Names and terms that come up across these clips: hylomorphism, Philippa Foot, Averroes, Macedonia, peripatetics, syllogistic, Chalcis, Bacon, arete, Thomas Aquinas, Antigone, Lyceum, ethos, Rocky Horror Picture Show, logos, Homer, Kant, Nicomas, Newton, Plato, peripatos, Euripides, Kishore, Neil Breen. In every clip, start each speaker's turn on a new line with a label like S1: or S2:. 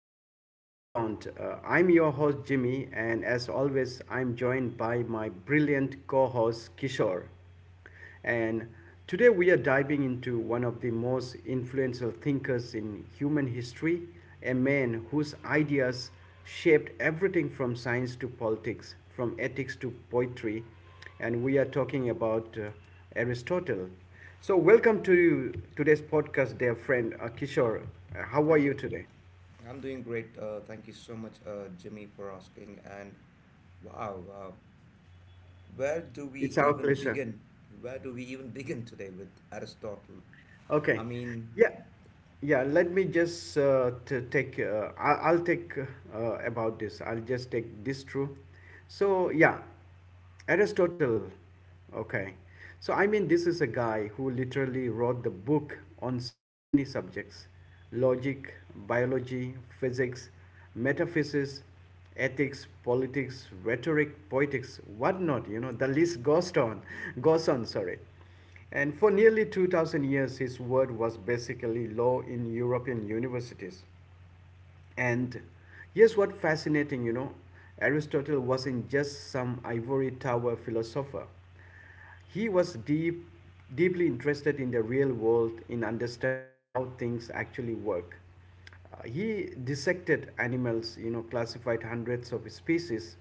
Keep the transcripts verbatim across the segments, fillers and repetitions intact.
S1: Philosophy Unbound. Uh, I'm your host, Jimmy, and as always, I'm joined by my brilliant co host, Kishore. And today, we are diving into one of the most influential thinkers in human history, a man whose ideas shaped everything from science to politics, from ethics to poetry, and we are talking about uh, Aristotle. So, welcome to you today's podcast, dear friend uh, Kishore. Uh, How are
S2: Thank
S1: you
S2: you.
S1: today?
S2: I'm doing great. Uh, thank you so much, uh, Jimmy, for asking. And wow, uh, where do we
S1: It's our
S2: even
S1: pleasure.
S2: begin? Where do we even begin today with Aristotle?
S1: Okay.
S2: I mean,
S1: Yeah. Yeah. Let me just uh, to take. Uh, i I'll take uh, about this. I'll just take this through. So yeah, Aristotle. Okay. So I mean, this is a guy who literally wrote the book on so many subjects: logic, biology, physics, metaphysics, ethics, politics, rhetoric, poetics, whatnot. You know, the list goes on, goes on. Sorry. And for nearly two thousand years, his word was basically law in European universities. And here's what fascinating, you know, Aristotle wasn't just some ivory tower philosopher. He was deep, deeply interested in the real world, in understanding how things actually work. Uh, he dissected animals, you know, classified hundreds of species,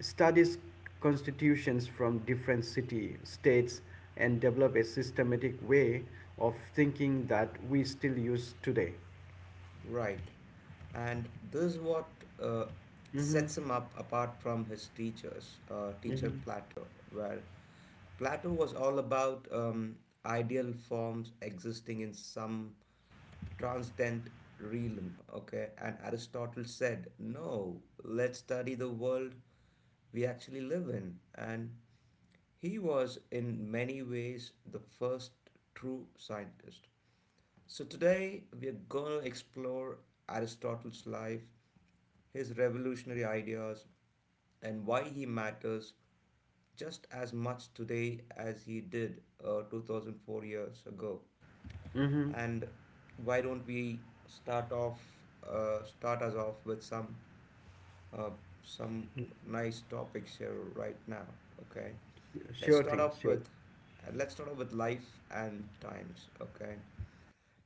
S1: studies constitutions from different city states, and developed a systematic way of thinking that we still use today.
S2: right. And this is what uh, sets him up apart from his teachers uh, teacher Plato, where Plato was all about um, ideal forms existing in some transcendent realm. Okay. And Aristotle said no, let's study the world we actually live in. And he was in many ways the first true scientist. So, today we are going to explore Aristotle's life, his revolutionary ideas, and why he matters just as much today as he did uh, two thousand four years ago.
S1: Mm-hmm.
S2: And why don't we start off, uh, start us off with some uh, some nice topics here right now. Okay, let's
S1: Sure
S2: start
S1: thing,
S2: off
S1: sure.
S2: with uh, let's start off with life and times. Okay,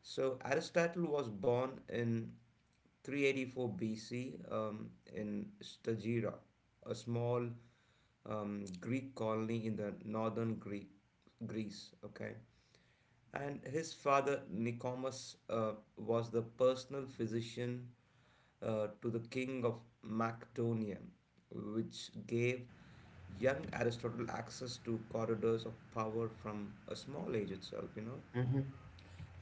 S2: so Aristotle was born in three eighty-four B C um, in Stagira, a small um, Greek colony in the northern Greek, Greece. Okay. And his father Nicomas uh, was the personal physician uh, to the king of Macedonia, which gave young Aristotle access to corridors of power from a small age itself, you know.
S1: Mhm.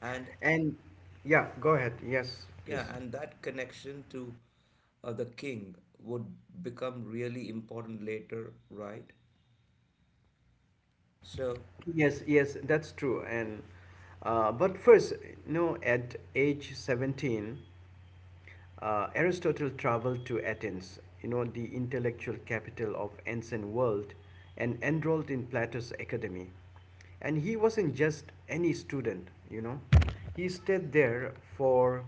S2: And,
S1: And yeah, go ahead. Yes, please.
S2: yeah, and that connection to uh, the king would become really important later, right? So,
S1: Yes, yes, that's true. And uh, but first, you know, at age seventeen. Uh, Aristotle traveled to Athens, you know, the intellectual capital of ancient world, and enrolled in Plato's academy. And he wasn't just any student, you know. He stayed there for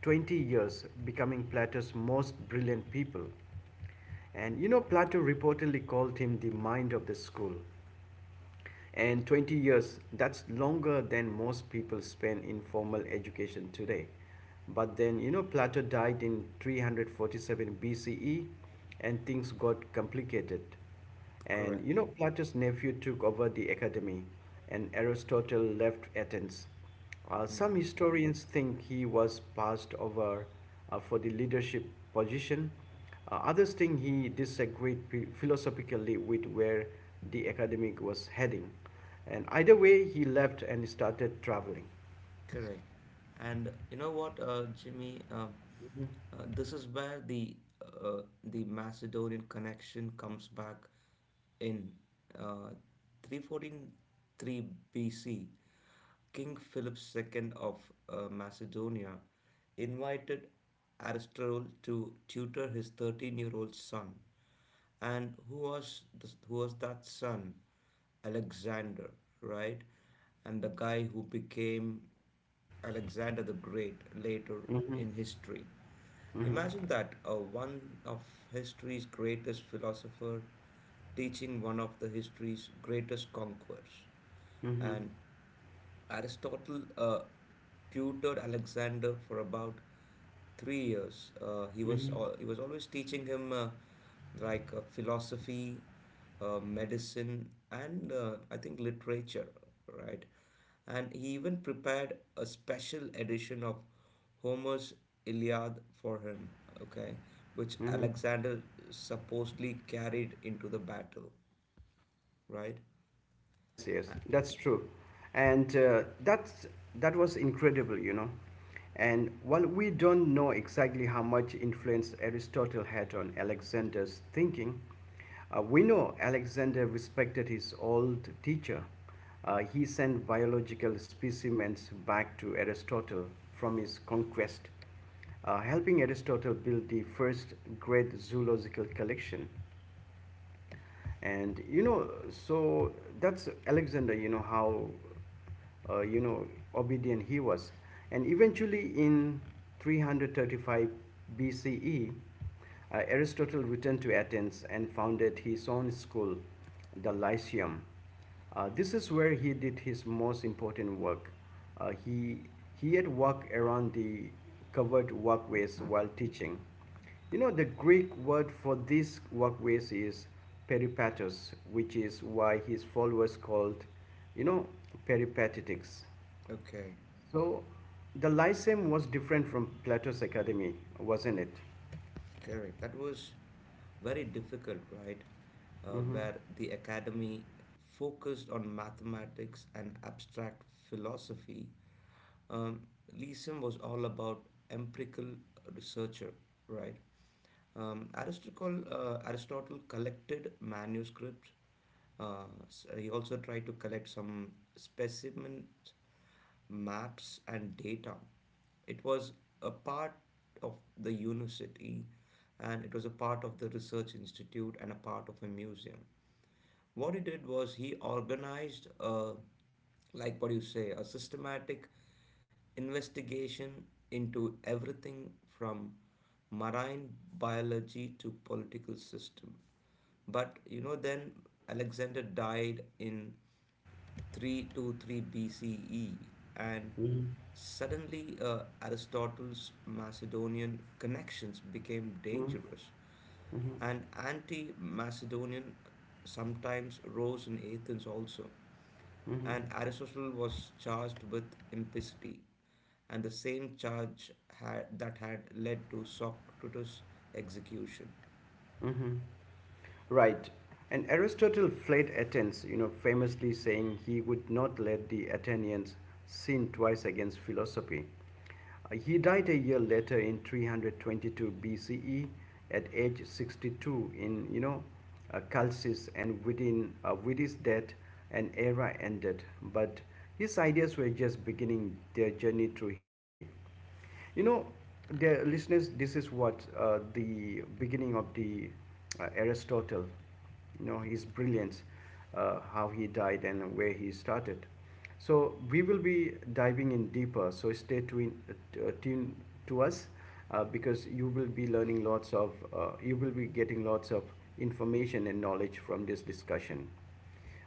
S1: twenty years, becoming Plato's most brilliant people. And you know, Plato reportedly called him the mind of the school. And twenty years, that's longer than most people spend in formal education today. But then, you know, Plato died in three hundred forty-seven B C E and things got complicated. And, you
S2: correct.
S1: know, Plato's nephew took over the academy and Aristotle left Athens. Uh, some
S2: Mm-hmm.
S1: historians think he was passed over uh, for the leadership position, uh, others thing he disagreed philosophically with where the academic was heading, and either way he left and started traveling.
S2: Correct. And you know what, uh, Jimmy? Uh, uh, this is where the uh, the Macedonian connection comes back in uh, three forty-three B C. King Philip the second of uh, Macedonia invited Aristotle to tutor his thirteen year old son. And who was the, who was that son? Alexander, right? And the guy who became Alexander the Great later
S1: Mm-hmm,
S2: in history.
S1: mm-hmm,
S2: Imagine that, uh, one of history's greatest philosopher teaching one of the history's greatest conquerors.
S1: mm-hmm,
S2: And Aristotle uh, tutored Alexander for about three years. Uh, he was
S1: mm-hmm.
S2: al- he was always teaching him uh, like uh, philosophy, uh, medicine, and uh, I think literature, right? And he even prepared a special edition of Homer's Iliad for him. Okay, which Alexander supposedly carried into the battle, right?
S1: Yes, yes,
S2: Uh,
S1: that's true, and uh, that's that was incredible, you know. And while we don't know exactly how much influence Aristotle had on Alexander's thinking, uh, we know Alexander respected his old teacher. Uh, he sent biological specimens back to Aristotle from his conquest, uh, helping Aristotle build the first great zoological collection. And you know, so that's Alexander, you know, how uh, you know obedient he was. And eventually in three hundred thirty-five bce, uh, Aristotle returned to Athens and founded his own school, the Lyceum. Uh, this is where he did his most important work. Uh, he, he had walked around the covered walkways while teaching. You know, the Greek word for these walkways is peripatos, which is why his followers called, you know, peripatetics.
S2: Okay.
S1: So the Lyceum was different from Plato's academy, wasn't it?
S2: Correct. That was very difficult, right? Uh,
S1: Mhm.
S2: where the academy focused on mathematics and abstract philosophy, Um, Leeson was all about empirical researcher, right? Um, Aristotle, uh, Aristotle collected manuscripts. Uh, s- he also tried to collect some specimens, maps, and data. It was a part of the university, and it was a part of the research institute and a part of a museum. What he did was he organized, a, like what you say, a systematic investigation into everything from marine biology to political system. But you know, then Alexander died in three twenty-three B C E, and
S1: Mhm.
S2: suddenly uh, Aristotle's Macedonian connections became dangerous, and anti Macedonian sometimes rose in Athens also. And Aristotle was charged with impicity, and the same charge had, that had led to Socrates' execution.
S1: Right. And Aristotle fled Athens, you know, famously saying he would not let the Athenians sin twice against philosophy. Uh, He died a year later in three hundred twenty-two B C E at age sixty-two in, you know, uh, Chalcis and within uh, with his death an era ended. But his ideas were just beginning their journey through history. You know, dear listeners, this is what uh, the beginning of the uh, Aristotle, you know, his brilliance, uh, how he died and where he started. So we will be diving in deeper. So stay tuned, uh, tuned to us uh, because you will be learning lots of, uh, you will be getting lots of information and knowledge from this discussion.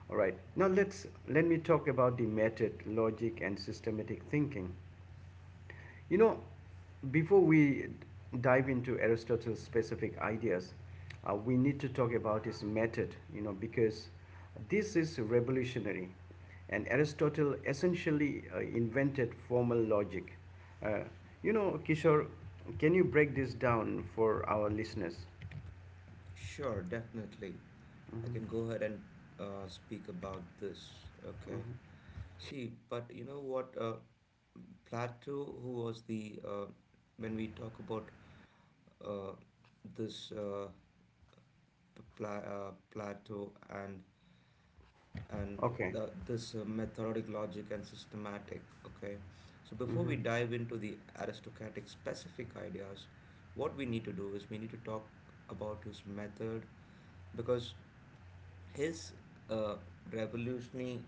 S1: All right. Now let's let me talk about the method, logic, and systematic thinking. You know, before we dive into Aristotle's specific ideas, uh, we need to talk about his method, you know, because this is revolutionary. And Aristotle essentially uh, invented formal logic. Uh, you know, Kishore, can you break this down for our listeners?
S2: Sure, definitely. I can
S1: Hmm.
S2: go ahead and uh, speak about this. Okay. See, but you know what? Uh, Plato, who was the uh, when we talk about, uh, this, uh, Pla- uh, Plato and and
S1: Okay.
S2: the, this, uh, methodic logic and systematic, okay. So before we
S1: Mm-hmm.
S2: dive into the aristocratic specific ideas, what we need to do is we need to talk about his method, because his uh, revolutionary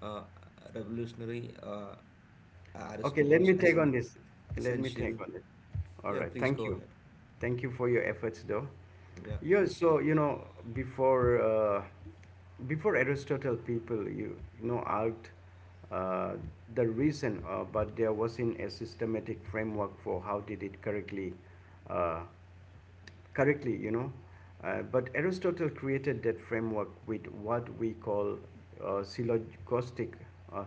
S2: uh, revolutionary uh,
S1: Okay, let
S2: Aristotle's
S1: me take on
S2: essen-
S1: this. Let me
S2: essential.
S1: take on it. All
S2: Yeah,
S1: right.
S2: please
S1: Thank
S2: go
S1: you.
S2: ahead.
S1: Thank you for your efforts, though.
S2: Yeah.
S1: Yeah. So you know, before uh, before Aristotle, people you, you know out uh, the reason, uh, but there wasn't a systematic framework for how did it correctly uh, correctly, you know. Uh, but Aristotle created that framework with what we call uh, syllogistic. Uh,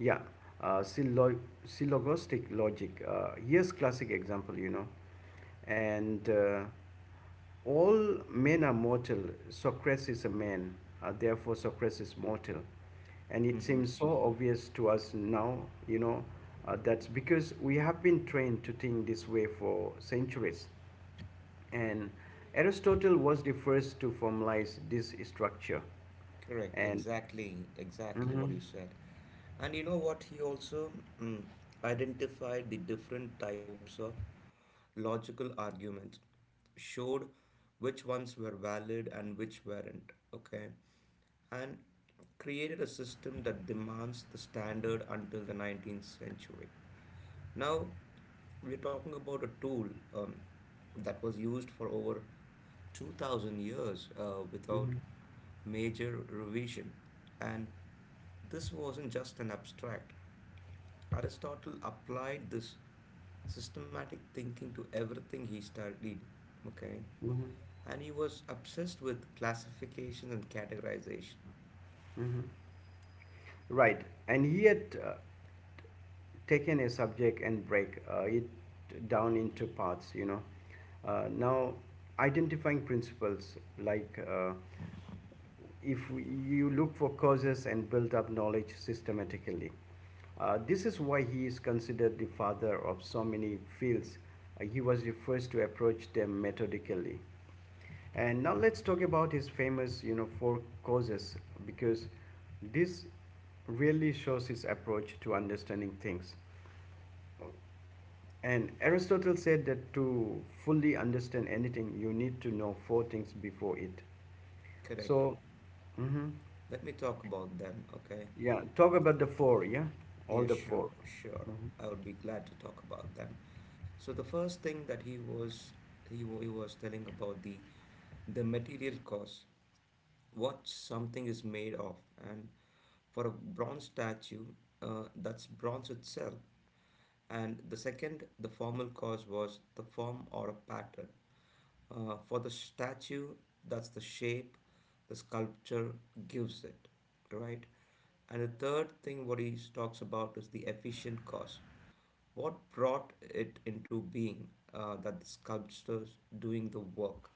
S1: yeah, uh, syllog- syllogostic logic. Uh, here's classic example, you know. And uh, all men are mortal. Socrates is a man. Uh, therefore, Socrates is mortal. And it
S2: Mm-hmm.
S1: seems so obvious to us now, you know, uh, that's because we have been trained to think this way for centuries. And Aristotle was the first to formalize this structure.
S2: Correct,
S1: And
S2: exactly, exactly what
S1: mhm,
S2: you said. And you know what? He also mm, identified the different types of logical arguments, showed which ones were valid and which weren't, okay? And created a system that demands the standard until the nineteenth century. Now, we're talking about a tool um, that was used for over two thousand years uh, without
S1: mhm,
S2: major revision. And this wasn't just an abstract. Aristotle applied this systematic thinking to everything he studied. Okay.
S1: mhm.
S2: And he was obsessed with classification and categorization.
S1: Mhm. Right. And he had uh, taken a subject and break uh, it down into parts, you know. Uh, now, identifying principles like uh, if we- you look for causes and build up knowledge systematically. Uh, this is why he is considered the father of so many fields. Uh, he was the first to approach them methodically. And now let's talk about his famous, you know, four causes because this really shows his approach to understanding things. And Aristotle said that to fully understand anything, you need to know four things before it.
S2: Correct.
S1: So, hmm,
S2: Let me talk about them. Okay.
S1: yeah, talk about the four, yeah, all
S2: Yeah,
S1: the four.
S2: sure, sure.
S1: Mm-hmm.
S2: I would be glad to talk about them. So the first thing that he was he, wa- he was telling about the the material cost, what something is made of. And for a bronze statue, uh, that's bronze itself. And the second, the formal cause, was the form or a pattern. Uh, for the statue, that's the shape the sculpture gives it, right? And the third thing what he talks about is the efficient cause. What brought it into being, uh, that the sculptors doing the work?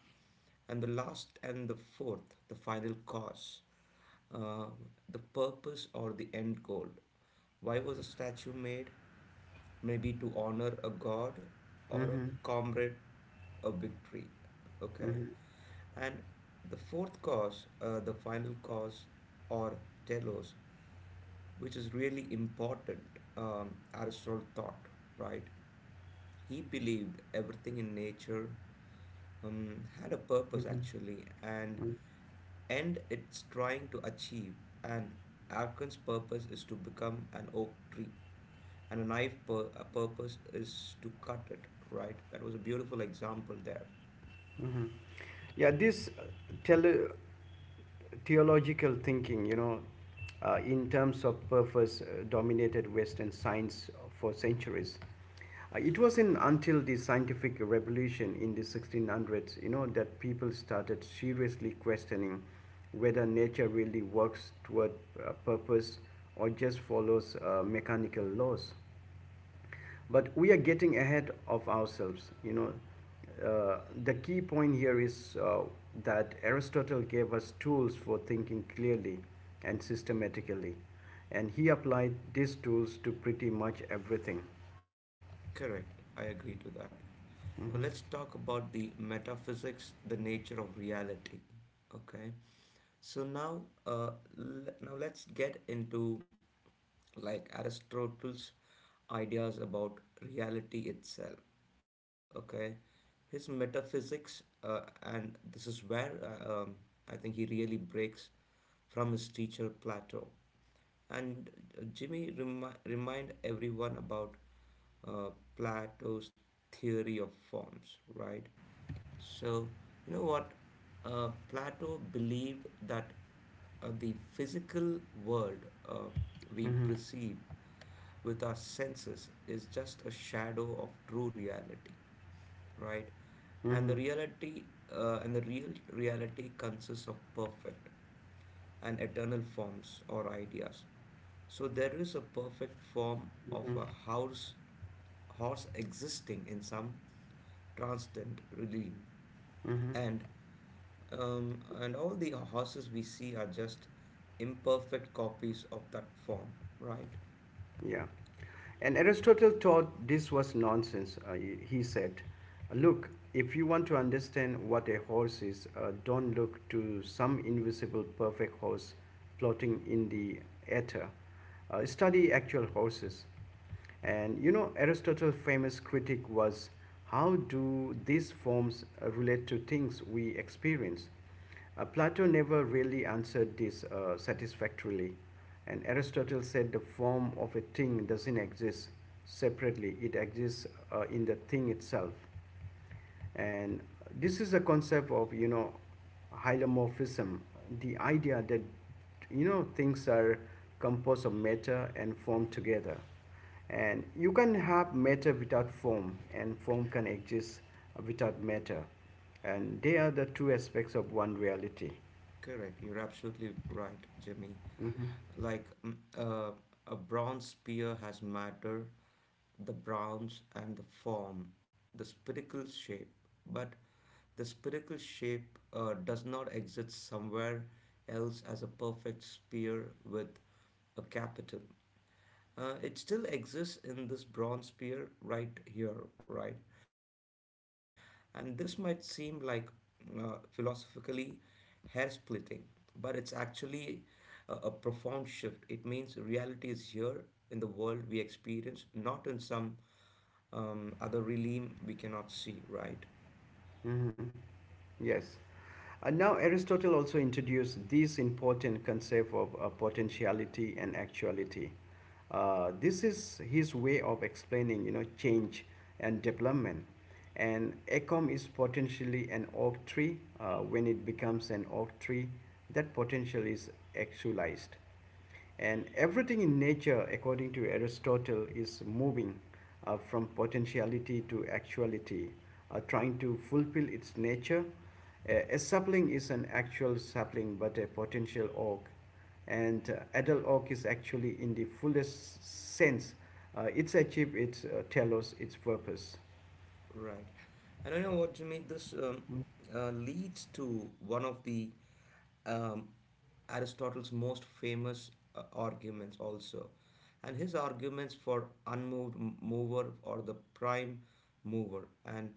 S2: And the last and the fourth, the final cause, uh, the purpose or the end goal. Why was a statue made? Maybe to honor a god or a
S1: Mm-hmm.
S2: comrade, a victory. Okay.
S1: Mm-hmm.
S2: And the fourth cause, uh, the final cause, or telos, which is really important, um, Aristotle thought, right? He believed everything in nature um, had a purpose, actually, and
S1: Mm-hmm,
S2: end it's trying to achieve. And Arkan's purpose is to become an oak tree, and a knife pur- a purpose is to cut it, right? That was a beautiful example there.
S1: mm-hmm. Yeah, this uh, tele- theological thinking, you know, uh, in terms of purpose, uh, dominated Western science for centuries. Uh, It wasn't until the scientific revolution in the sixteen hundreds, you know, that people started seriously questioning whether nature really works toward a purpose or just follows uh, mechanical laws. But we are getting ahead of ourselves, you know. Uh, the key point here is uh, that Aristotle gave us tools for thinking clearly and systematically, and he applied these tools to pretty much everything.
S2: Correct, I agree to that. Now let's talk about the metaphysics, the nature of reality. Okay, so now, uh, l- now let's get into like Aristotle's ideas about reality itself. Okay, his metaphysics, uh, and this is where uh, um, I think he really breaks from his teacher Plato. And uh, Jimmy, remi- remind everyone about uh, Plato's theory of forms, right? So, you know what? Uh, Plato believed that uh, the physical world uh, we
S1: Hmm.
S2: perceive with our senses is just a shadow of true reality, right? And the
S1: Hmm.
S2: reality uh, and the real reality consists of perfect, and eternal forms or ideas. So there is a perfect form of
S1: Hmm.
S2: a horse, horse existing in some transcendent realm,
S1: Hmm.
S2: and um, and all the horses we see are just imperfect copies of that form, right?
S1: Yeah. And Aristotle thought this was nonsense. Uh, he he said, look, if you want to understand what a horse is, uh, don't look to some invisible perfect horse floating in the ether. Uh, study actual horses. And you know, Aristotle's famous critique was how do these forms uh, relate to things we experience? Uh, Plato never really answered this uh, satisfactorily, and Aristotle said the form of a thing doesn't exist separately, it exists uh, in the thing itself. And this is a concept of, you know, hylomorphism, the idea that, you know, things are composed of matter and form together. And you can have matter without form, and form can exist without matter. And they are the two aspects of one reality.
S2: Correct. You're absolutely right, Jimmy.
S1: Mhm.
S2: Like, mm, uh, a bronze spear has matter, the browns, and the form, the spherical shape. But the spherical shape uh, does not exist somewhere else as a perfect sphere with a capital. Uh, it still exists in this bronze sphere right here, right? And this might seem like uh, philosophically hair splitting, but it's actually a, a profound shift. It means reality is here in the world we experience, not in some um, other realm we cannot see, right
S1: Hmm. Yes. And now Aristotle also introduced this important concept of uh, potentiality and actuality. Uh, this is his way of explaining, you know, change and development. And ACOM is potentially an oak tree. Uh, when it becomes an oak tree, that potential is actualized. And everything in nature, according to Aristotle, is moving uh, from potentiality to actuality, uh, trying to fulfill its nature. A, a sapling is an actual sapling, but a potential oak. And uh, adult oak is actually, in the fullest sense, uh, it's achieved its uh, telos, its purpose.
S2: right And you know what, Jimmy? This um, uh, leads to one of the um, Aristotle's most famous uh, arguments also. And his arguments for unmoved m- mover, or the prime mover. And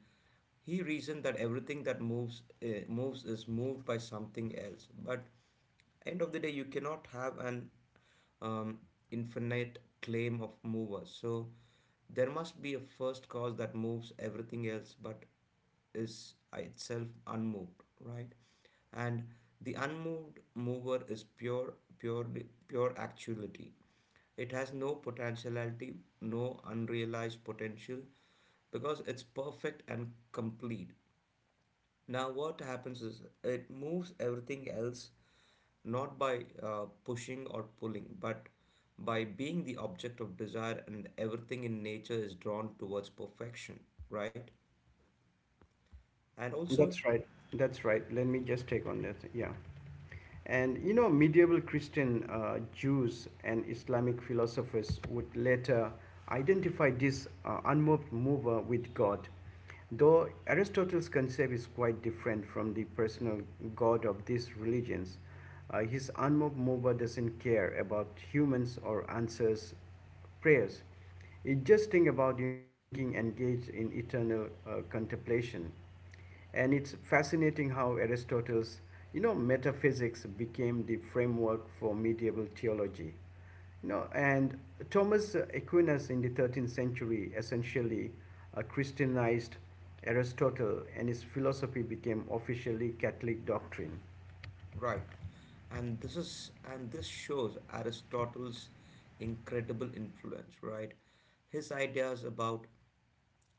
S2: he reasoned that everything that moves uh, moves is moved by something else, but end of the day, you cannot have an um, infinite claim of movers. So there must be a first cause that moves everything else, but is itself unmoved, right? And the unmoved mover is pure, purely, pure actuality. It has no potentiality, no unrealized potential, because it's perfect and complete. Now, what happens is it moves everything else not by uh, pushing or pulling, but by being the object of desire, and everything in nature is drawn towards perfection, right? And also,
S1: That's right. That's right. Let me just take on that. Yeah. And you know, medieval Christian uh, Jews and Islamic philosophers would later identify this uh, unmoved mover with God. Though Aristotle's concept is quite different from the personal God of these religions, uh, his unmoved mover doesn't care about humans or answers prayers. It just think about you know thinking engaged in eternal uh, contemplation. And it's fascinating how Aristotle's, you know, metaphysics became the framework for medieval theology. You know, and Thomas Aquinas in the thirteenth century essentially uh, Christianized Aristotle, and his philosophy became officially Catholic doctrine.
S2: right. And this is and this shows Aristotle's incredible influence, right? His ideas about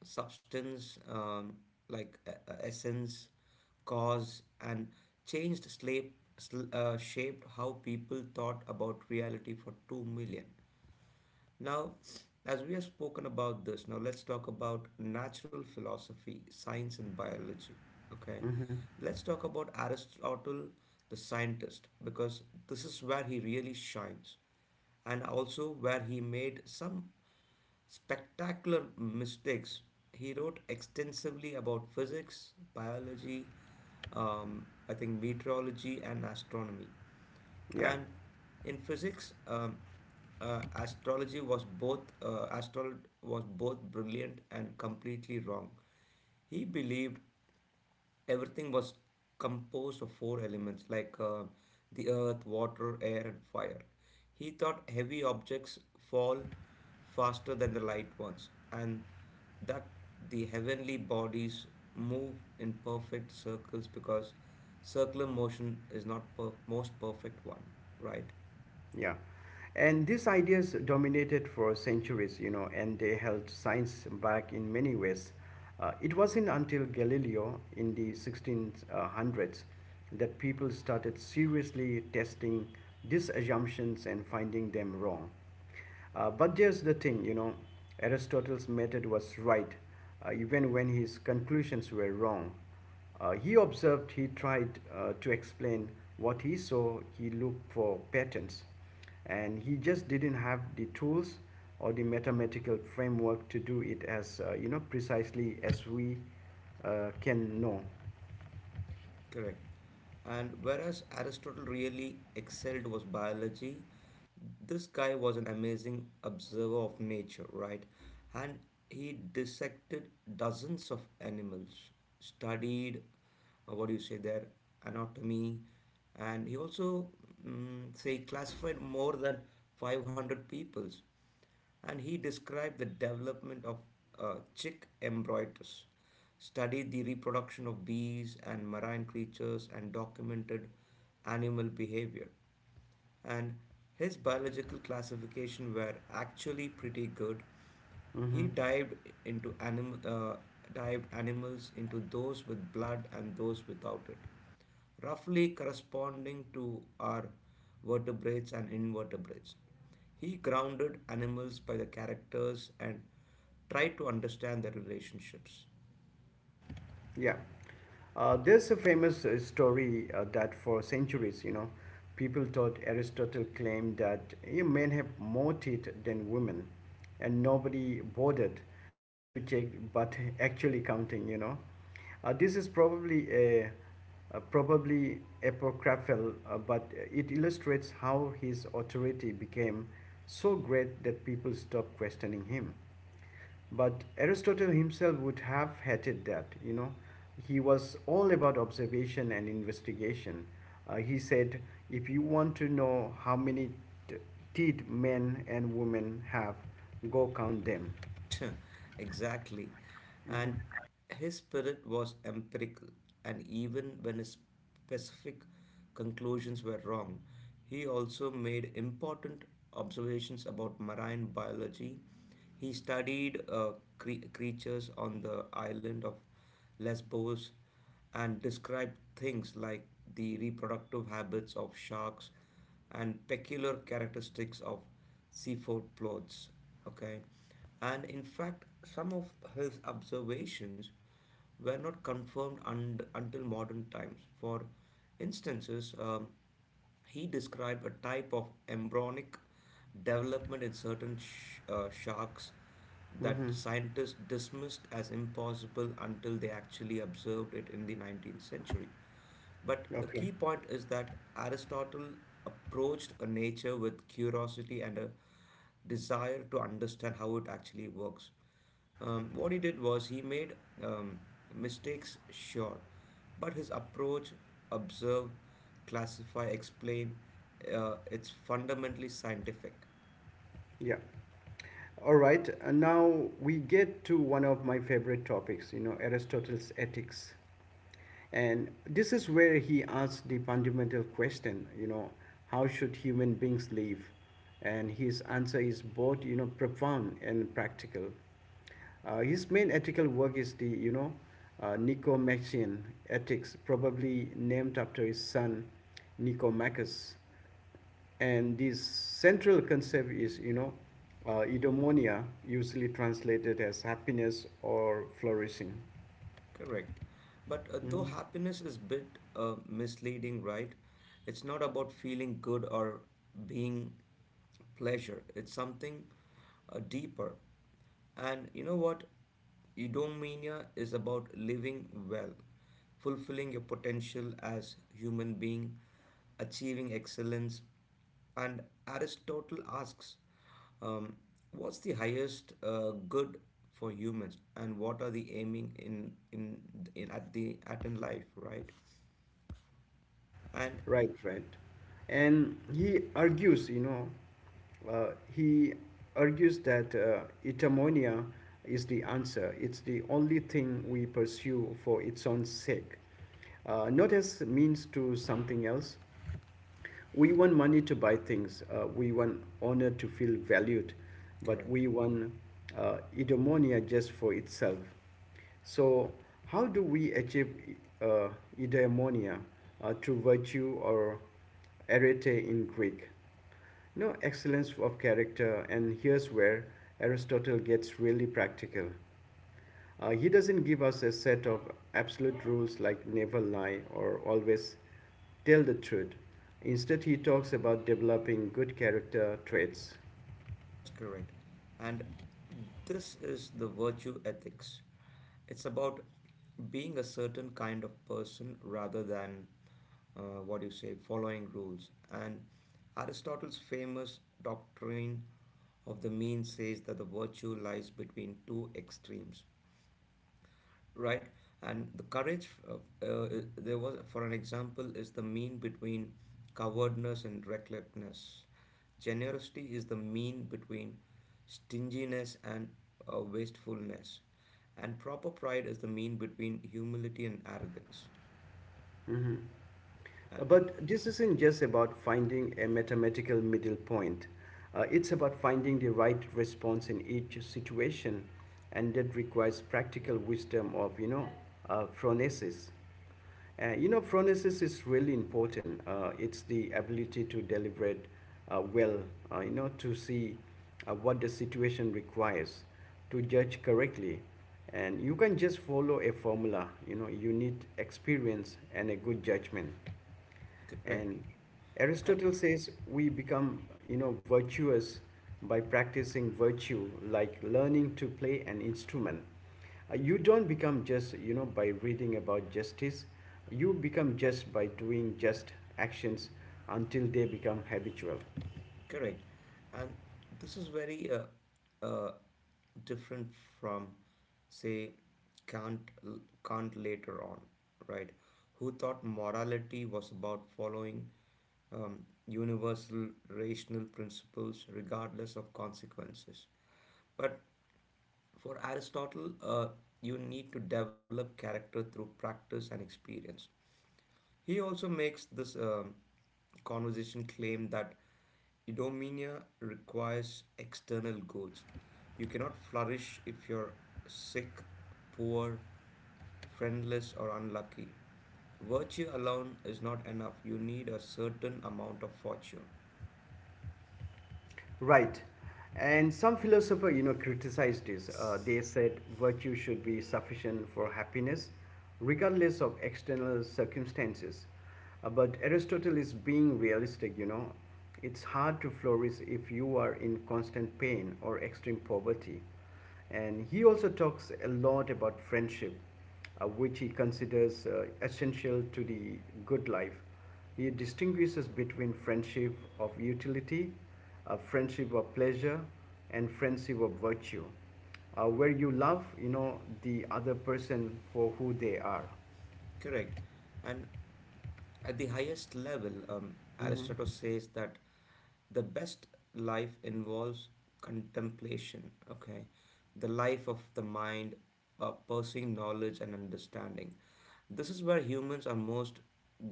S2: substance, um, like uh, uh, essence, cause, and changed slave, sl- uh, shaped how people thought about reality for 2 million. Now, as we have spoken about this, now let's talk about natural philosophy, science, and biology. Okay,
S1: Hmm.
S2: let's talk about Aristotle, the scientist, because this is where he really shines, and also where he made some spectacular mistakes. He wrote extensively about physics, biology, um, I think meteorology, and astronomy.
S1: Yeah,
S2: And in physics, um, uh, astrology was both uh, astrol was both brilliant and completely wrong. He believed everything was composed of four elements, like uh, the earth, water, air, and fire. He thought heavy objects fall faster than the light ones, and that the heavenly bodies move in perfect circles, because circular motion is not per- most perfect one, right?
S1: yeah. And these ideas dominated for centuries, you know, and they held science back in many ways. Uh, it wasn't until Galileo in the sixteen hundreds that people started seriously testing these assumptions and finding them wrong. Uh, but there's the thing, you know, Aristotle's method was right, uh, even when his conclusions were wrong. Uh, he observed, he tried uh, to explain what he saw, he looked for patterns and he just didn't have the tools or the mathematical framework to do it as uh, you know precisely as we uh, can know.
S2: Correct. And whereas Aristotle really excelled was biology, this guy was an amazing observer of nature, right? And he dissected dozens of animals, studied, uh, what do you say, their anatomy, and he also mm, say classified more than five hundred peoples. And he described the development of uh, chick embryos, studied the reproduction of bees and marine creatures, and documented animal behavior. And his biological classification were actually pretty good. He
S1: Hmm.
S2: dived into animal, uh, dived animals into those with blood and those without it, roughly corresponding to our vertebrates and invertebrates. He grounded animals by the characters and tried to understand their relationships.
S1: Yeah. Uh, there's a famous uh, story uh, that for centuries, you know, people thought Aristotle claimed that you men have more teeth than women, and nobody bothered uh, to check, but actually counting, you know. Uh, this is probably a, uh, probably apocryphal, uh, but it illustrates how his authority became so great that people stopped questioning him. But Aristotle himself would have hated that, you know. He was all about observation and investigation. Uh, he said, if you want to know how many teeth men and women have, go count them.
S2: Exactly. And his spirit was empirical, and even when his specific conclusions were wrong, he also made important observations about marine biology. He studied uh, cre- creatures on the island of Lesbos and described things like the reproductive habits of sharks and peculiar characteristics of seafood plots. Okay, and in fact, some of his observations were not confirmed un- until modern times. For instances, um, he described a type of embryonic development in certain sh- uh, sharks that
S1: Mm-hmm.
S2: scientists dismissed as impossible until they actually observed it in the nineteenth century. But the key
S1: Okay,
S2: point is that Aristotle approached a nature with curiosity and a desire to understand how it actually works. Um, what he did was he made um, mistakes sure, but his approach observe, classify, explain uh, it's fundamentally scientific.
S1: yeah. All right, and now we get to one of my favorite topics, you know, Aristotle's ethics. And this is where he asks the fundamental question, you know, how should human beings live? And his answer is both, you know, profound and practical. Uh, his main ethical work is the, you know, uh, Nicomachean Ethics, probably named after his son Nicomachus. And this central concept is, you know, uh, eudaimonia, usually translated as happiness or flourishing.
S2: Correct. But uh, though
S1: Mm-hmm.
S2: happiness is a bit uh, misleading, right? It's not about feeling good or being pleasure. It's something uh, deeper. And you know what? Eudaimonia is about living well, fulfilling your potential as human being, achieving excellence. And Aristotle asks, um, what's the highest uh, good for humans, and what are the aiming in in, in at the at in life, right? And
S1: Right, right. And he argues, you know, uh, he argues that uh, eudaimonia is the answer. It's the only thing we pursue for its own sake, uh, not as means to something else. We want money to buy things. Uh, we want honor to feel valued, but
S2: correct.
S1: we want uh, eudaimonia just for itself. So, how do we achieve uh, eudaimonia, uh, through virtue or arete in Greek? No excellence of character, and here's where Aristotle gets really practical. Uh, he doesn't give us a set of absolute rules like never lie or always tell the truth. Instead, he talks about developing good character traits.
S2: That's correct. And this is the virtue ethics. It's about being a certain kind of person rather than uh, what do you say, following rules. And Aristotle's famous doctrine of the mean says that the virtue lies between two extremes, right? And the courage uh, uh, there was for an example is the mean between cowardness and recklessness. Generosity is the mean between stinginess and uh, wastefulness. And proper pride is the mean between humility and arrogance. uh,
S1: But this isn't just about finding a mathematical middle point. Uh, it's about finding the right response in each situation, and that requires practical wisdom of you know uh, phronesis. Uh, you know, phronesis is really important. Uh, it's the ability to deliberate uh, well, uh, you know, to see uh, what the situation requires, to judge correctly. And you can not just follow a formula. You know, you need experience and a good judgment.
S2: correct
S1: And
S2: and
S1: Aristotle says we become, you know, virtuous by practicing virtue, like learning to play an instrument. Uh, you don't become just, you know, by reading about justice. You become just by doing just actions until they become habitual.
S2: correct. And this is very uh, uh, different from say Kant Kant later on, right? Who thought morality was about following um, universal rational principles regardless of consequences. But for Aristotle, uh, you need to develop character through practice and experience. He also makes this um, conversation claim that Eudaimonia requires external goods. You cannot flourish if you're sick, poor, friendless, or unlucky. Virtue alone is not enough. You need a certain amount of fortune.
S1: Right. And some philosopher, you know, criticized this. Uh, they said virtue should be sufficient for happiness, regardless of external circumstances. Uh, but Aristotle is being realistic, you know. It's hard to flourish if you are in constant pain or extreme poverty. And he also talks a lot about friendship, uh, which he considers uh, essential to the good life. He distinguishes between friendship of utility, uh, friendship of pleasure, and friendship of virtue, uh, where you love, you know, the other person for who they are.
S2: Correct. And at the highest level, um, Aristotle says that the best life involves contemplation, okay? The life of the mind, uh, pursuing knowledge and understanding. This is where humans are most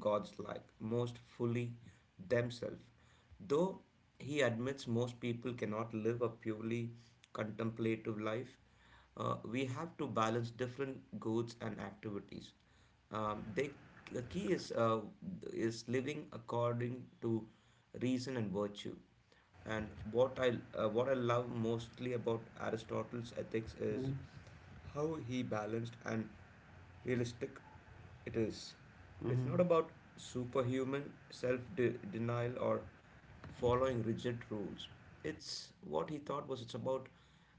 S2: God's like, most fully themselves. Though he admits most people cannot live a purely contemplative life, uh, we have to balance different goals and activities. Um, they, the key is uh, is living according to reason and virtue. And what I uh, what I love mostly about Aristotle's ethics is
S1: Mm-hmm.
S2: how he balanced and realistic it is. It's not
S1: Hmm.
S2: about superhuman self de- denial or following rigid rules. It's what he thought was it's about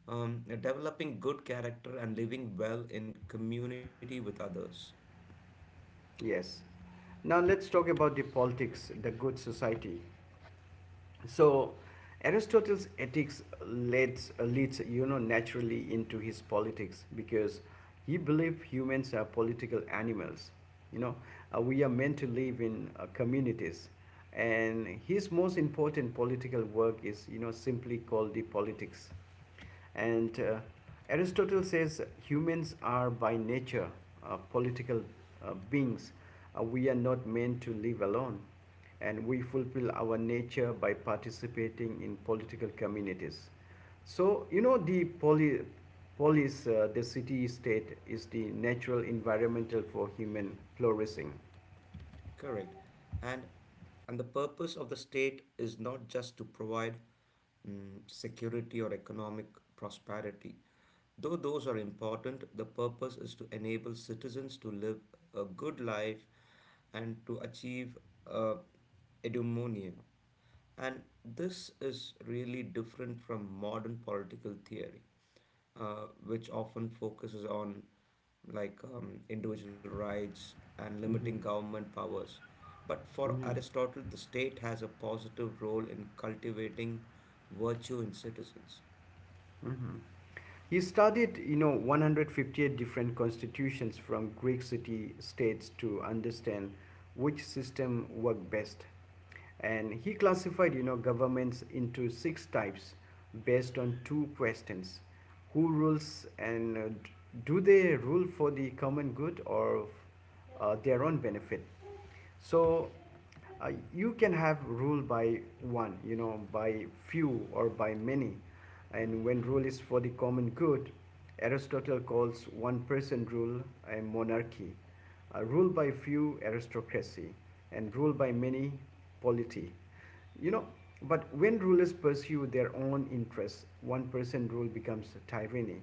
S2: um, developing good character and living well in community with others.
S1: Yes. Now let's talk about the politics, the good society. So Aristotle's ethics leads, leads you know naturally into his politics because he believed humans are political animals. You know, uh, we are meant to live in uh, communities, and his most important political work is you know simply called the politics. And uh, Aristotle says humans are by nature uh, political uh, beings. Uh, we are not meant to live alone, and we fulfill our nature by participating in political communities. So, you know, the poly, polis, uh, the city state, is the natural environmental for human flourishing.
S2: Correct. And and the purpose of the state is not just to provide mm, security or economic prosperity. Though those are important, the purpose is to enable citizens to live a good life and to achieve uh, eudaimonia. And this is really different from modern political theory, uh, which often focuses on like um, individual rights and limiting
S1: Mm-hmm.
S2: government powers. But for
S1: Yeah.
S2: Aristotle, the state has a positive role in cultivating virtue in citizens.
S1: Mhm. He studied, you know, one hundred fifty-eight different constitutions from Greek city states to understand which system worked best. And he classified, you know, governments into six types based on two questions: who rules, and uh, do they rule for the common good or uh, their own benefit? So uh, you can have rule by one, you know by few, or by many. And when rule is for the common good, Aristotle calls one person rule a monarchy, uh, rule by few aristocracy, and rule by many polity you know but when rulers pursue their own interests, one person rule becomes tyranny,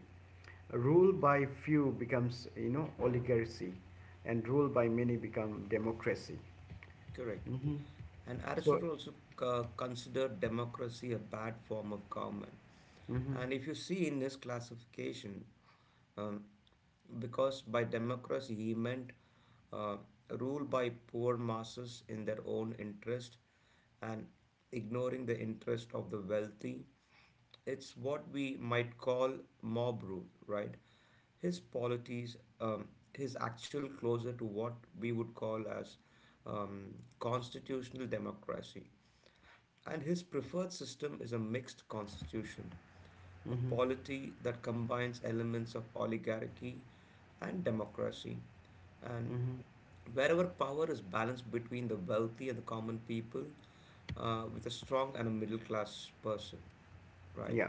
S1: rule by few becomes you know oligarchy, and rule by many become democracy.
S2: Correct.
S1: Hmm.
S2: And
S1: So,
S2: Aristotle also uh, considered democracy a bad form of government.
S1: hmm,
S2: And if you see in his classification, um, because by democracy he meant uh, rule by poor masses in their own interest and ignoring the interest of the wealthy. It's what we might call mob rule, right? His polities um, his actual closer to what we would call as um, constitutional democracy. And his preferred system is a mixed constitution, a
S1: hmm,
S2: polity that combines elements of oligarchy and democracy. And wherever power is balanced between the wealthy and the common people, uh, with a strong and a middle class person, right?
S1: yeah.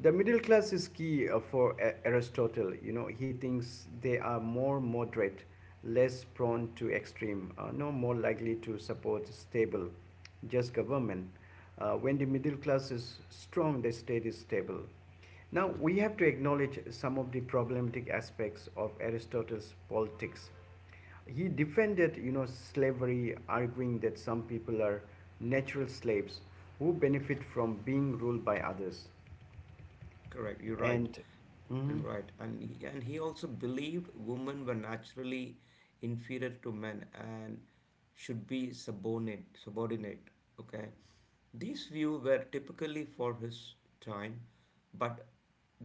S1: The middle class is key uh, for A- Aristotle. You know, he thinks they are more moderate, less prone to extreme, uh, no more likely to support stable, just government. Uh, when the middle class is strong, the state is stable. Now, we have to acknowledge some of the problematic aspects of Aristotle's politics. He defended, you know, slavery, arguing that some people are natural slaves who benefit from being ruled by others.
S2: That's correct. You're right
S1: And mm-hmm,
S2: and right. And he, and he also believed women were naturally inferior to men and should be subordinate. Subordinate. Okay. These views were typically for his time, but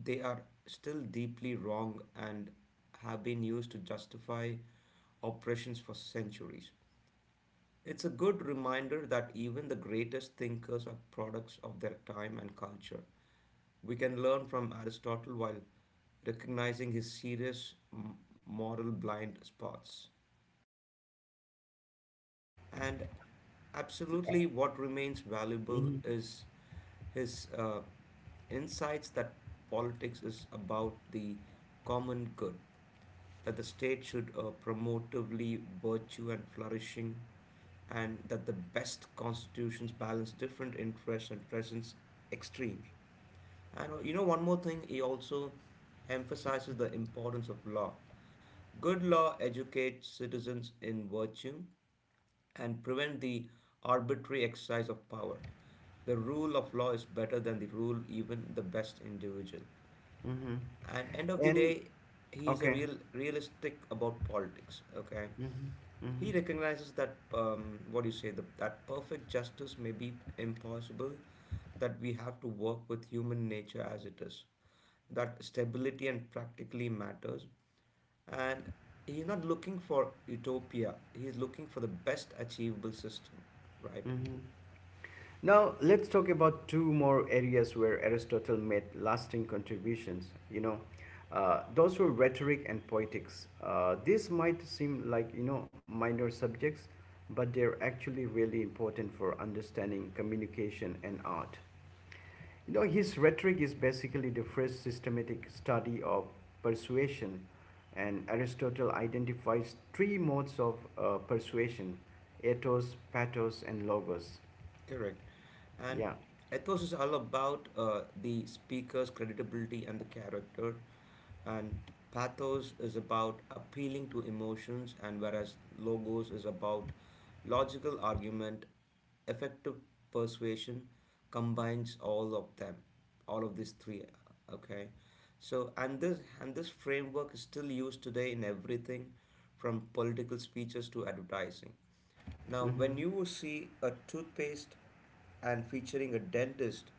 S2: they are still deeply wrong and have been used to justify oppressions for centuries. It's a good reminder that even the greatest thinkers are products of their time and culture. We can learn from Aristotle while recognizing his serious moral blind spots. And absolutely, what remains valuable is his uh, insights that politics is about the common good, that the state should uh, promotively virtue and flourishing, and that the best constitutions balance different interests and presents extremes. And uh, you know, one more thing, he also emphasizes the importance of law. Good law educates citizens in virtue and prevent the arbitrary exercise of power. The rule of law is better than the rule even the best individual.
S1: mm-hmm.
S2: And end of the
S1: And
S2: day, he is a
S1: okay.
S2: real realistic about politics. Okay,
S1: Mm-hmm, mm-hmm,
S2: he recognizes that um, what do you say the, that perfect justice may be impossible, that we have to work with human nature as it is, that stability and practically matters, and he's not looking for utopia. He's looking for the best achievable system, right?
S1: mm-hmm. Now let's talk about two more areas where Aristotle made lasting contributions. You know, uh, those were rhetoric and poetics. Uh, this might seem like you know minor subjects, but they're actually really important for understanding communication and art. You know his rhetoric is basically the first systematic study of persuasion, and Aristotle identifies three modes of uh, persuasion: ethos, pathos, and logos.
S2: Correct. And
S1: Yeah.
S2: ethos is all about uh, the speaker's credibility and the character. And pathos is about appealing to emotions, and whereas logos is about logical argument, effective persuasion combines all of them, all of these three. Okay. So and this and this framework is still used today in everything from political speeches to advertising. Now,
S1: Mm-hmm.
S2: when you see a toothpaste and featuring a dentist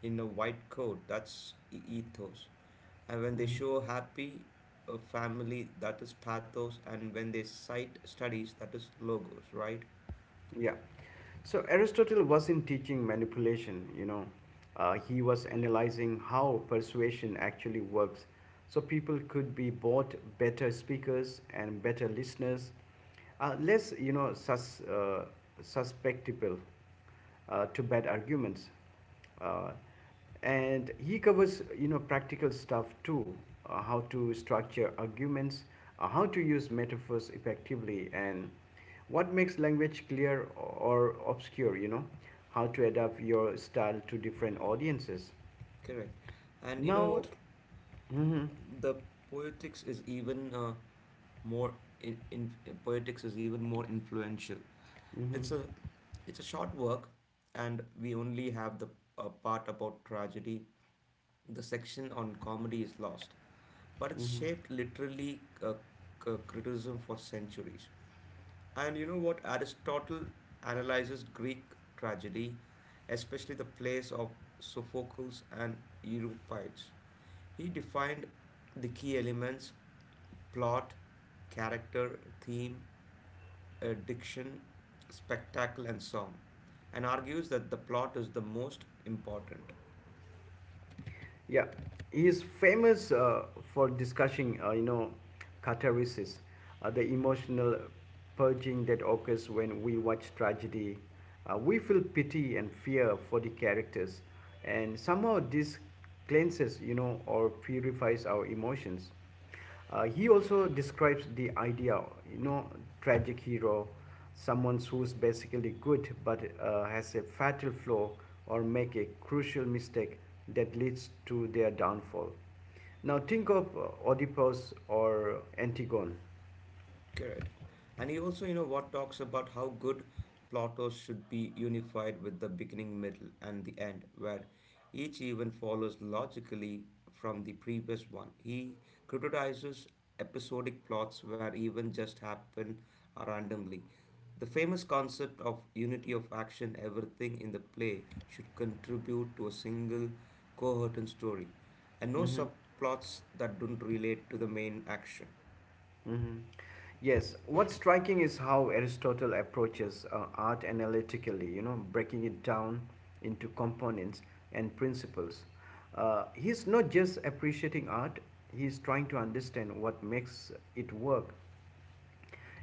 S2: in a white coat, that's e- ethos. And when they
S1: Mm-hmm.
S2: show a happy a family, that is pathos. And when they cite studies, that is logos, right?
S1: Yeah. So Aristotle wasn't teaching manipulation, you know. Uh, he was analyzing how persuasion actually works. So people could be both better speakers and better listeners, uh, less, you know, sus, uh, susceptible uh, to bad arguments. Uh, and he covers, you know, practical stuff too, uh, how to structure arguments, uh, how to use metaphors effectively, and what makes language clear or obscure you know how to adapt your style to different audiences
S2: Correct. And you know
S1: now.
S2: what?
S1: Mhm,
S2: The poetics is even uh, more in, in poetics is even more influential. It's
S1: mhm.
S2: a it's a short work, and we only have the uh, part about tragedy. The section on comedy is lost, but it shaped literally uh, c- criticism for centuries. And you know what? Aristotle analyzes Greek tragedy, especially the plays of Sophocles and Euripides. He defined the key elements plot, character, theme, uh, diction, spectacle, and song, and argues that the plot is the most important.
S1: Yeah, he is famous uh, for discussing uh, you know catharsis, uh, the emotional purging that occurs when we watch tragedy. Uh, we feel pity and fear for the characters, and somehow this cleanses, you know, or purifies our emotions. Uh, he also describes the idea, you know, tragic hero, someone who's basically good but uh, has a fatal flaw or make a crucial mistake that leads to their downfall. Now think of uh, Oedipus or Antigone.
S2: Correct. And he also, you know, what talks about how good plotters should be unified with the beginning, middle, and the end, where each event follows logically from the previous one. He criticizes episodic plots where events just happen randomly. The famous concept of unity of action, everything in the play should contribute to a single coherent story, and no
S1: Hmm.
S2: subplots that don't relate to the main action.
S1: Hmm. Yes, what's striking is how Aristotle approaches uh, art analytically, you know, breaking it down into components and principles. Uh, he's not just appreciating art, he's trying to understand what makes it work.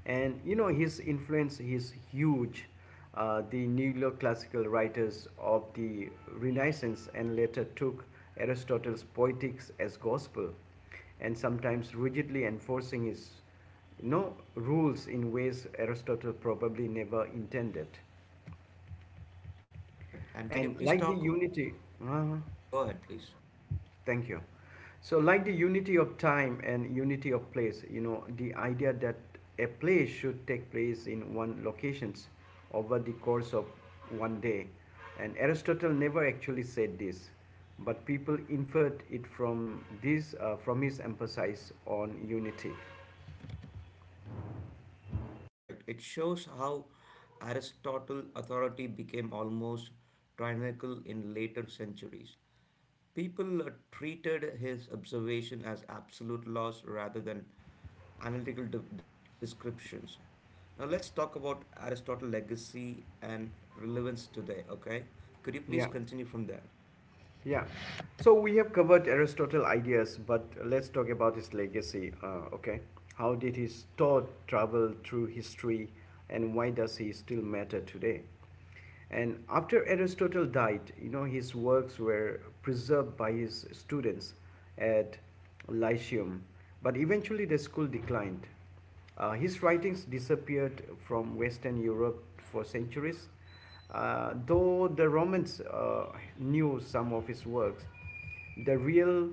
S1: And you know his influence is huge. Uh, the neoclassical writers of the Renaissance and later took Aristotle's poetics as gospel, and sometimes rigidly enforcing his you know rules in ways Aristotle probably never intended.
S2: Correct. And can you
S1: And
S2: please
S1: like the
S2: talk?
S1: unity. Uh-huh.
S2: Uh, go ahead, please.
S1: Thank you. So, like the unity of time and unity of place, you know, the idea that a play should take place in one locations over the course of one day, and Aristotle never actually said this, but people inferred it from this, uh, from his emphasis on unity.
S2: Correct. It shows how Aristotle authority became almost tyrannical in later centuries. People uh, treated his observation as absolute laws rather than analytical de- descriptions. Now let's talk about Aristotle's legacy and relevance today, okay? Could you please
S1: Yeah.
S2: continue from there?
S1: Yeah. So we have covered Aristotle's ideas, but let's talk about his legacy. Uh, okay. How did his thought travel through history and why does he still matter today? And after Aristotle died, you know, his works were preserved by his students at Lyceum, but eventually the school declined. Uh, his writings disappeared from Western Europe for centuries, uh, though the Romans uh, knew some of his works. The real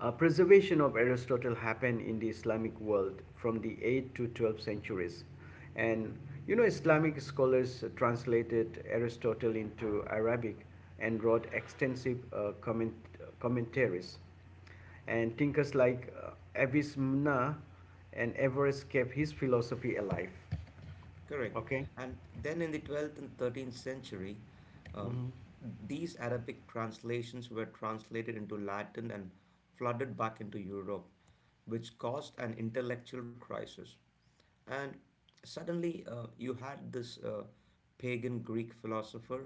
S1: uh, preservation of Aristotle happened in the Islamic world from the eighth to twelfth centuries. And you know, Islamic scholars translated Aristotle into Arabic and wrote extensive uh, comment, commentaries. And thinkers like uh, Avicenna and Everest kept his philosophy alive.
S2: Correct.
S1: Okay?
S2: And then in the twelfth and thirteenth century, um,
S1: Mm-hmm.
S2: these Arabic translations were translated into Latin and flooded back into Europe, which caused an intellectual crisis. And suddenly, uh, you had this uh, pagan Greek philosopher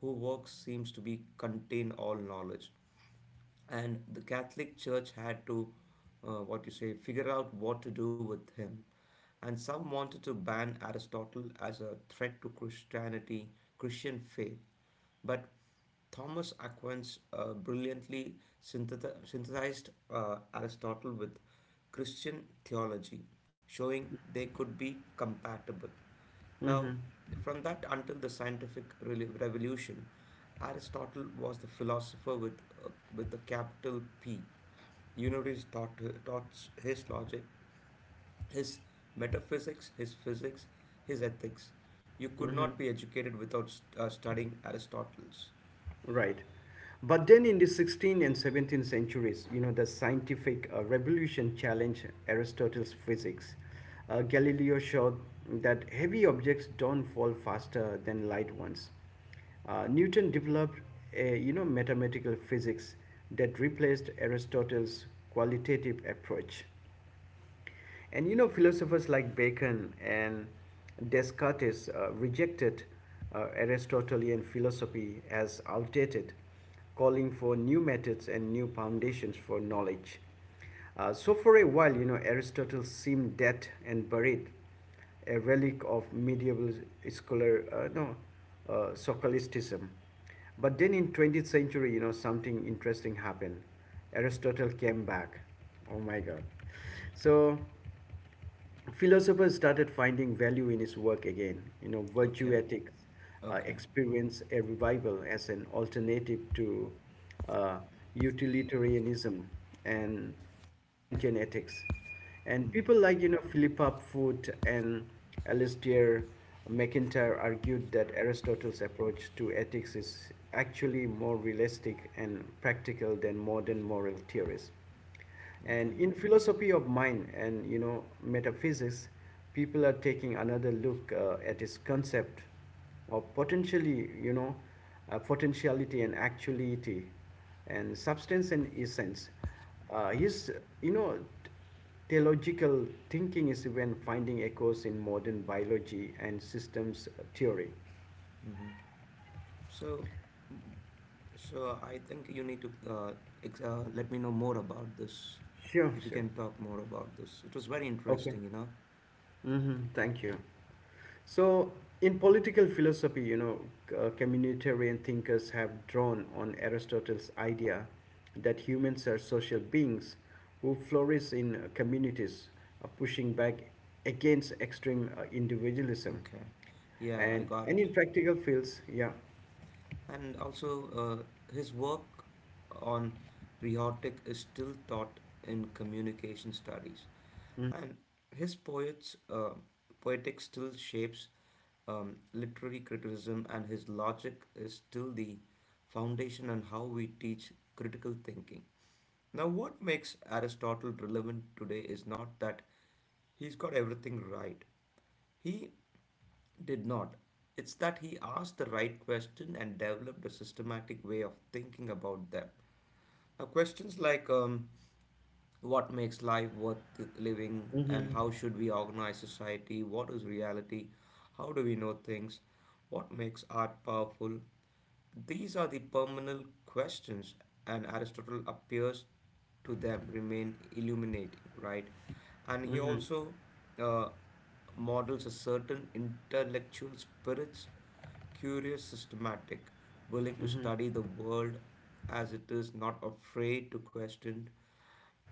S2: whose work seems to be contain all knowledge, and the Catholic Church had to, uh, what you say, figure out what to do with him. And some wanted to ban Aristotle as a threat to Christianity, Christian faith. But Thomas Aquinas uh, brilliantly synthet- synthesized uh, Aristotle with Christian theology, showing they could be compatible. Now, from that until the scientific rel- revolution, Aristotle was the philosopher with uh, with a capital P. Universities taught uh, taught his logic, his metaphysics, his physics, his ethics. You could
S1: Mm-hmm.
S2: not be educated without st- uh, studying Aristotle's.
S1: Right. But then in the sixteenth and seventeenth centuries, you know, the scientific uh, revolution challenged Aristotle's physics. Uh, Galileo showed that heavy objects don't fall faster than light ones. Uh, Newton developed a, you know, mathematical physics that replaced Aristotle's qualitative approach. And you know, philosophers like Bacon and Descartes uh, rejected uh, Aristotelian philosophy as outdated, calling for new methods and new foundations for knowledge. Uh, so, for a while, you know, Aristotle seemed dead and buried, a relic of medieval scholar, uh, no, uh, Sophilisticism. But then in twentieth century, you know, something interesting happened. Aristotle came back. Oh my God. So philosophers started finding value in his work again. You know, virtue
S2: Okay,
S1: ethics uh,
S2: okay,
S1: experienced a revival as an alternative to uh, utilitarianism and uh, Kantian ethics. And
S2: mm-hmm.
S1: people like you know Philippa Foot and Alistair McIntyre argued that Aristotle's approach to ethics is actually more realistic and practical than modern moral theories. And
S2: Okay.
S1: in philosophy of mind and you know metaphysics, people are taking another look uh, at his concept of potentially you know uh, potentiality and actuality and substance and essence. Uh, his you know teleological thinking is even finding echoes in modern biology and systems theory.
S2: Mm-hmm. So, So I think you need to uh, ex uh, let me know more about this.
S1: Sure,
S2: If you
S1: sure.
S2: can talk more about this, it was very
S1: Okay.
S2: interesting, you know.
S1: Mm-hmm. Thank you. So, in political philosophy, you know, c- uh, communitarian thinkers have drawn on Aristotle's idea that humans are social beings who flourish in uh, communities, uh, pushing back against extreme uh, individualism.
S2: Okay, yeah, I
S1: And,
S2: got
S1: and
S2: it.
S1: in practical fields, yeah.
S2: And also, uh, his work on rhetoric is still taught in communication studies, and his poets, uh, poetics still shapes um, literary criticism, and his logic is still the foundation on how we teach critical thinking. Now, what makes Aristotle relevant today is not that he's got everything right. He did not. It's that he asked the right question and developed a systematic way of thinking about them. Uh, questions like um, what makes life worth living and how should we organize society? What is reality? How do we know things? What makes art powerful? These are the permanent questions, and Aristotle appears to them remain illuminating, right? And he
S1: Mhm.
S2: also uh, models a certain intellectual spirits curious, systematic, willing to study the world as it is, not afraid to question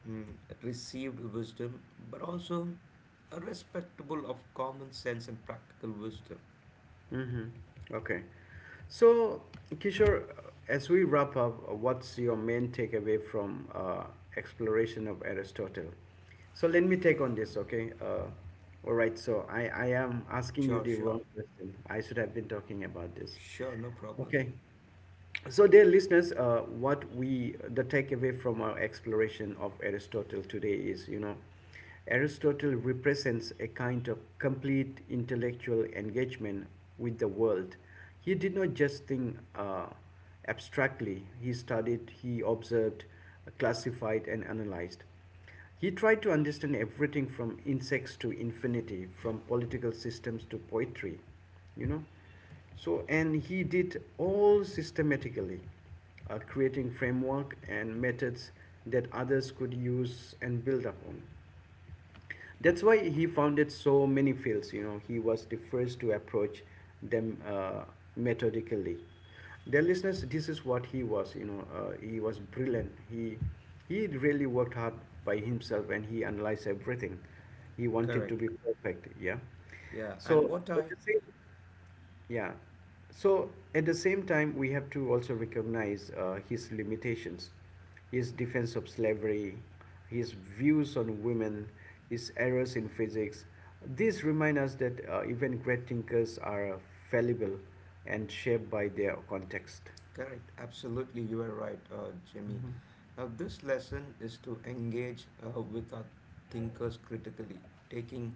S2: mm, received wisdom, but also a respectable of common sense and practical wisdom.
S1: Mm-hmm. Okay. So, Kishore, as we wrap up, uh, what's your main takeaway from uh, exploration of Aristotle? So let me take on this, okay? Uh, all right. So I I am asking you
S2: Sure,
S1: the wrong
S2: sure,
S1: question. I should have been talking about this.
S2: sure, no problem.
S1: Okay. So, dear listeners, uh, what we the takeaway from our exploration of Aristotle today is, you know, Aristotle represents a kind of complete intellectual engagement with the world. He did not just think uh, abstractly. He studied, he observed, classified, and analyzed. He tried to understand everything from insects to infinity, from political systems to poetry, you know. So, and he did all systematically, uh, creating framework and methods that others could use and build upon. That's why he founded so many fields. You know, he was the first to approach them uh, methodically. Dear listeners, this is what he was. You know, uh, he was brilliant. He he really worked hard by himself, and he analyzed everything. He wanted to
S2: Correct.
S1: be perfect. Yeah.
S2: Yeah,
S1: So
S2: and what
S1: at
S2: I
S1: the same yeah. So at the same time, we have to also recognize uh, his limitations, his defense of slavery, his views on women, his errors in physics. These remind us that uh, even great thinkers are uh, fallible and shaped by their context.
S2: correct, absolutely, you are right, uh, Jimmy. Now, this lesson is to engage uh, with our thinkers critically, taking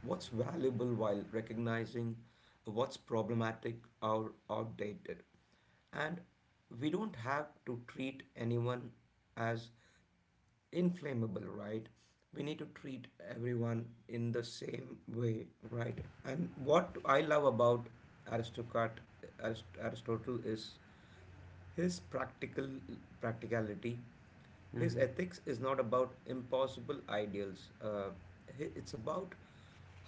S2: what's valuable while recognizing what's problematic or outdated. And we don't have to treat anyone as inflammable, right? We need to treat everyone in the same way, right? And what I love about Aristocrat, Arist- Aristotle is his practical practicality, his
S1: Mm-hmm.
S2: ethics is not about impossible ideals. Uh, hi- it's about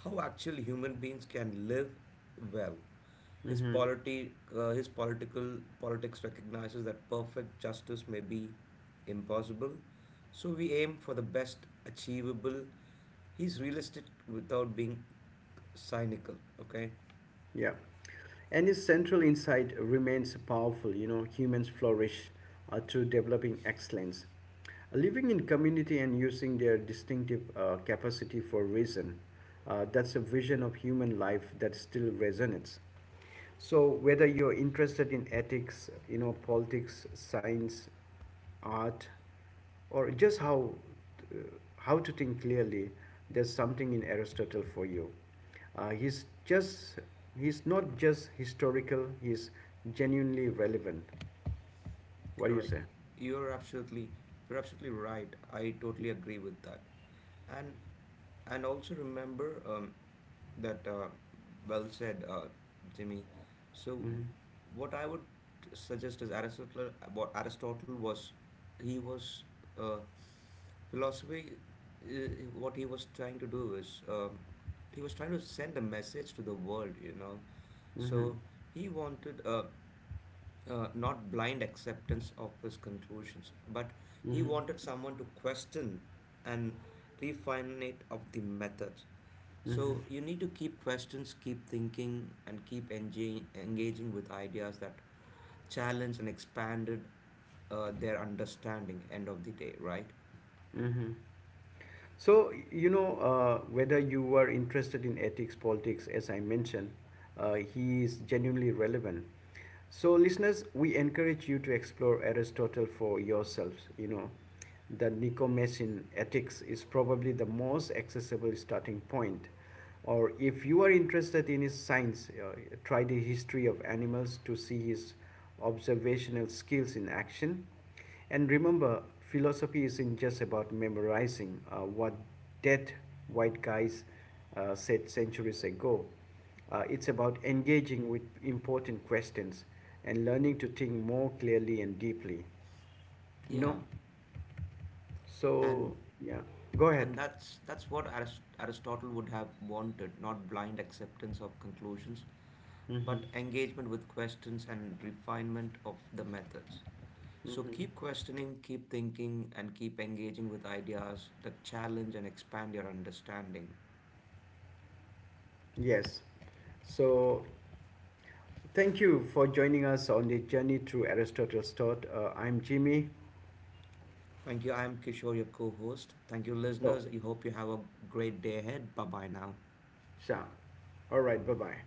S2: how actual human beings can live well. His
S1: Mm-hmm.
S2: polity, uh, his political politics recognizes that perfect justice may be impossible, so we aim for the best achievable. He's realistic without being cynical. Okay,
S1: Yeah. And his central insight remains powerful. You know, humans flourish uh, through developing excellence, living in community and using their distinctive uh, capacity for reason. Uh, that's a vision of human life that still resonates. So whether you're interested in ethics, you know, politics, science, art, or just how uh, how to think clearly, there's something in Aristotle for you. Uh, he's just he's not just historical. He's genuinely relevant. What do you say?
S2: correct. You're absolutely you're absolutely right. I totally agree with that. And and also remember um, that uh, well said, uh, Jimmy. So
S1: Mm-hmm.
S2: what I would suggest is Aristotle. What Aristotle was, he was uh, philosophy. Uh, what he was trying to do is um, he was trying to send a message to the world. You know,
S1: Mm-hmm.
S2: so he wanted. Uh, uh, not blind acceptance of his conclusions, but he
S1: Mm-hmm.
S2: wanted someone to question and refine it of the methods.
S1: Mm-hmm.
S2: So you need to keep questions, keep thinking, and keep enga- engaging with ideas that challenge and expanded uh, their understanding. End of the day, right?
S1: Mm-hmm. So, you know, uh, whether you are interested in ethics, politics, as I mentioned, uh, he is genuinely relevant. So, listeners, we encourage you to explore Aristotle for yourselves. You know, the Nicomachean Ethics is probably the most accessible starting point. Or if you are interested in his science, uh, try the history of animals to see his observational skills in action. And remember, philosophy isn't just about memorizing uh, what dead white guys uh, said centuries ago. Uh, it's about engaging with important questions and learning to think more clearly and deeply. You know?
S2: Yeah, and
S1: So, yeah. Go ahead.
S2: and that's that's what Arist- Aristotle would have wanted, not blind acceptance of conclusions, but
S1: Hmm.
S2: engagement with questions and refinement of the methods. So keep
S1: Hmm.
S2: questioning, keep thinking, and keep engaging with ideas that challenge and expand your understanding.
S1: Yes. So, thank you for joining us on the journey through Aristotle's thought. Uh, I'm Jimmy.
S2: Thank you. I am Kishore, your co host. Thank you,
S1: So,
S2: listeners. I hope you have a great day ahead. Bye bye now.
S1: Sha. All right. Bye bye.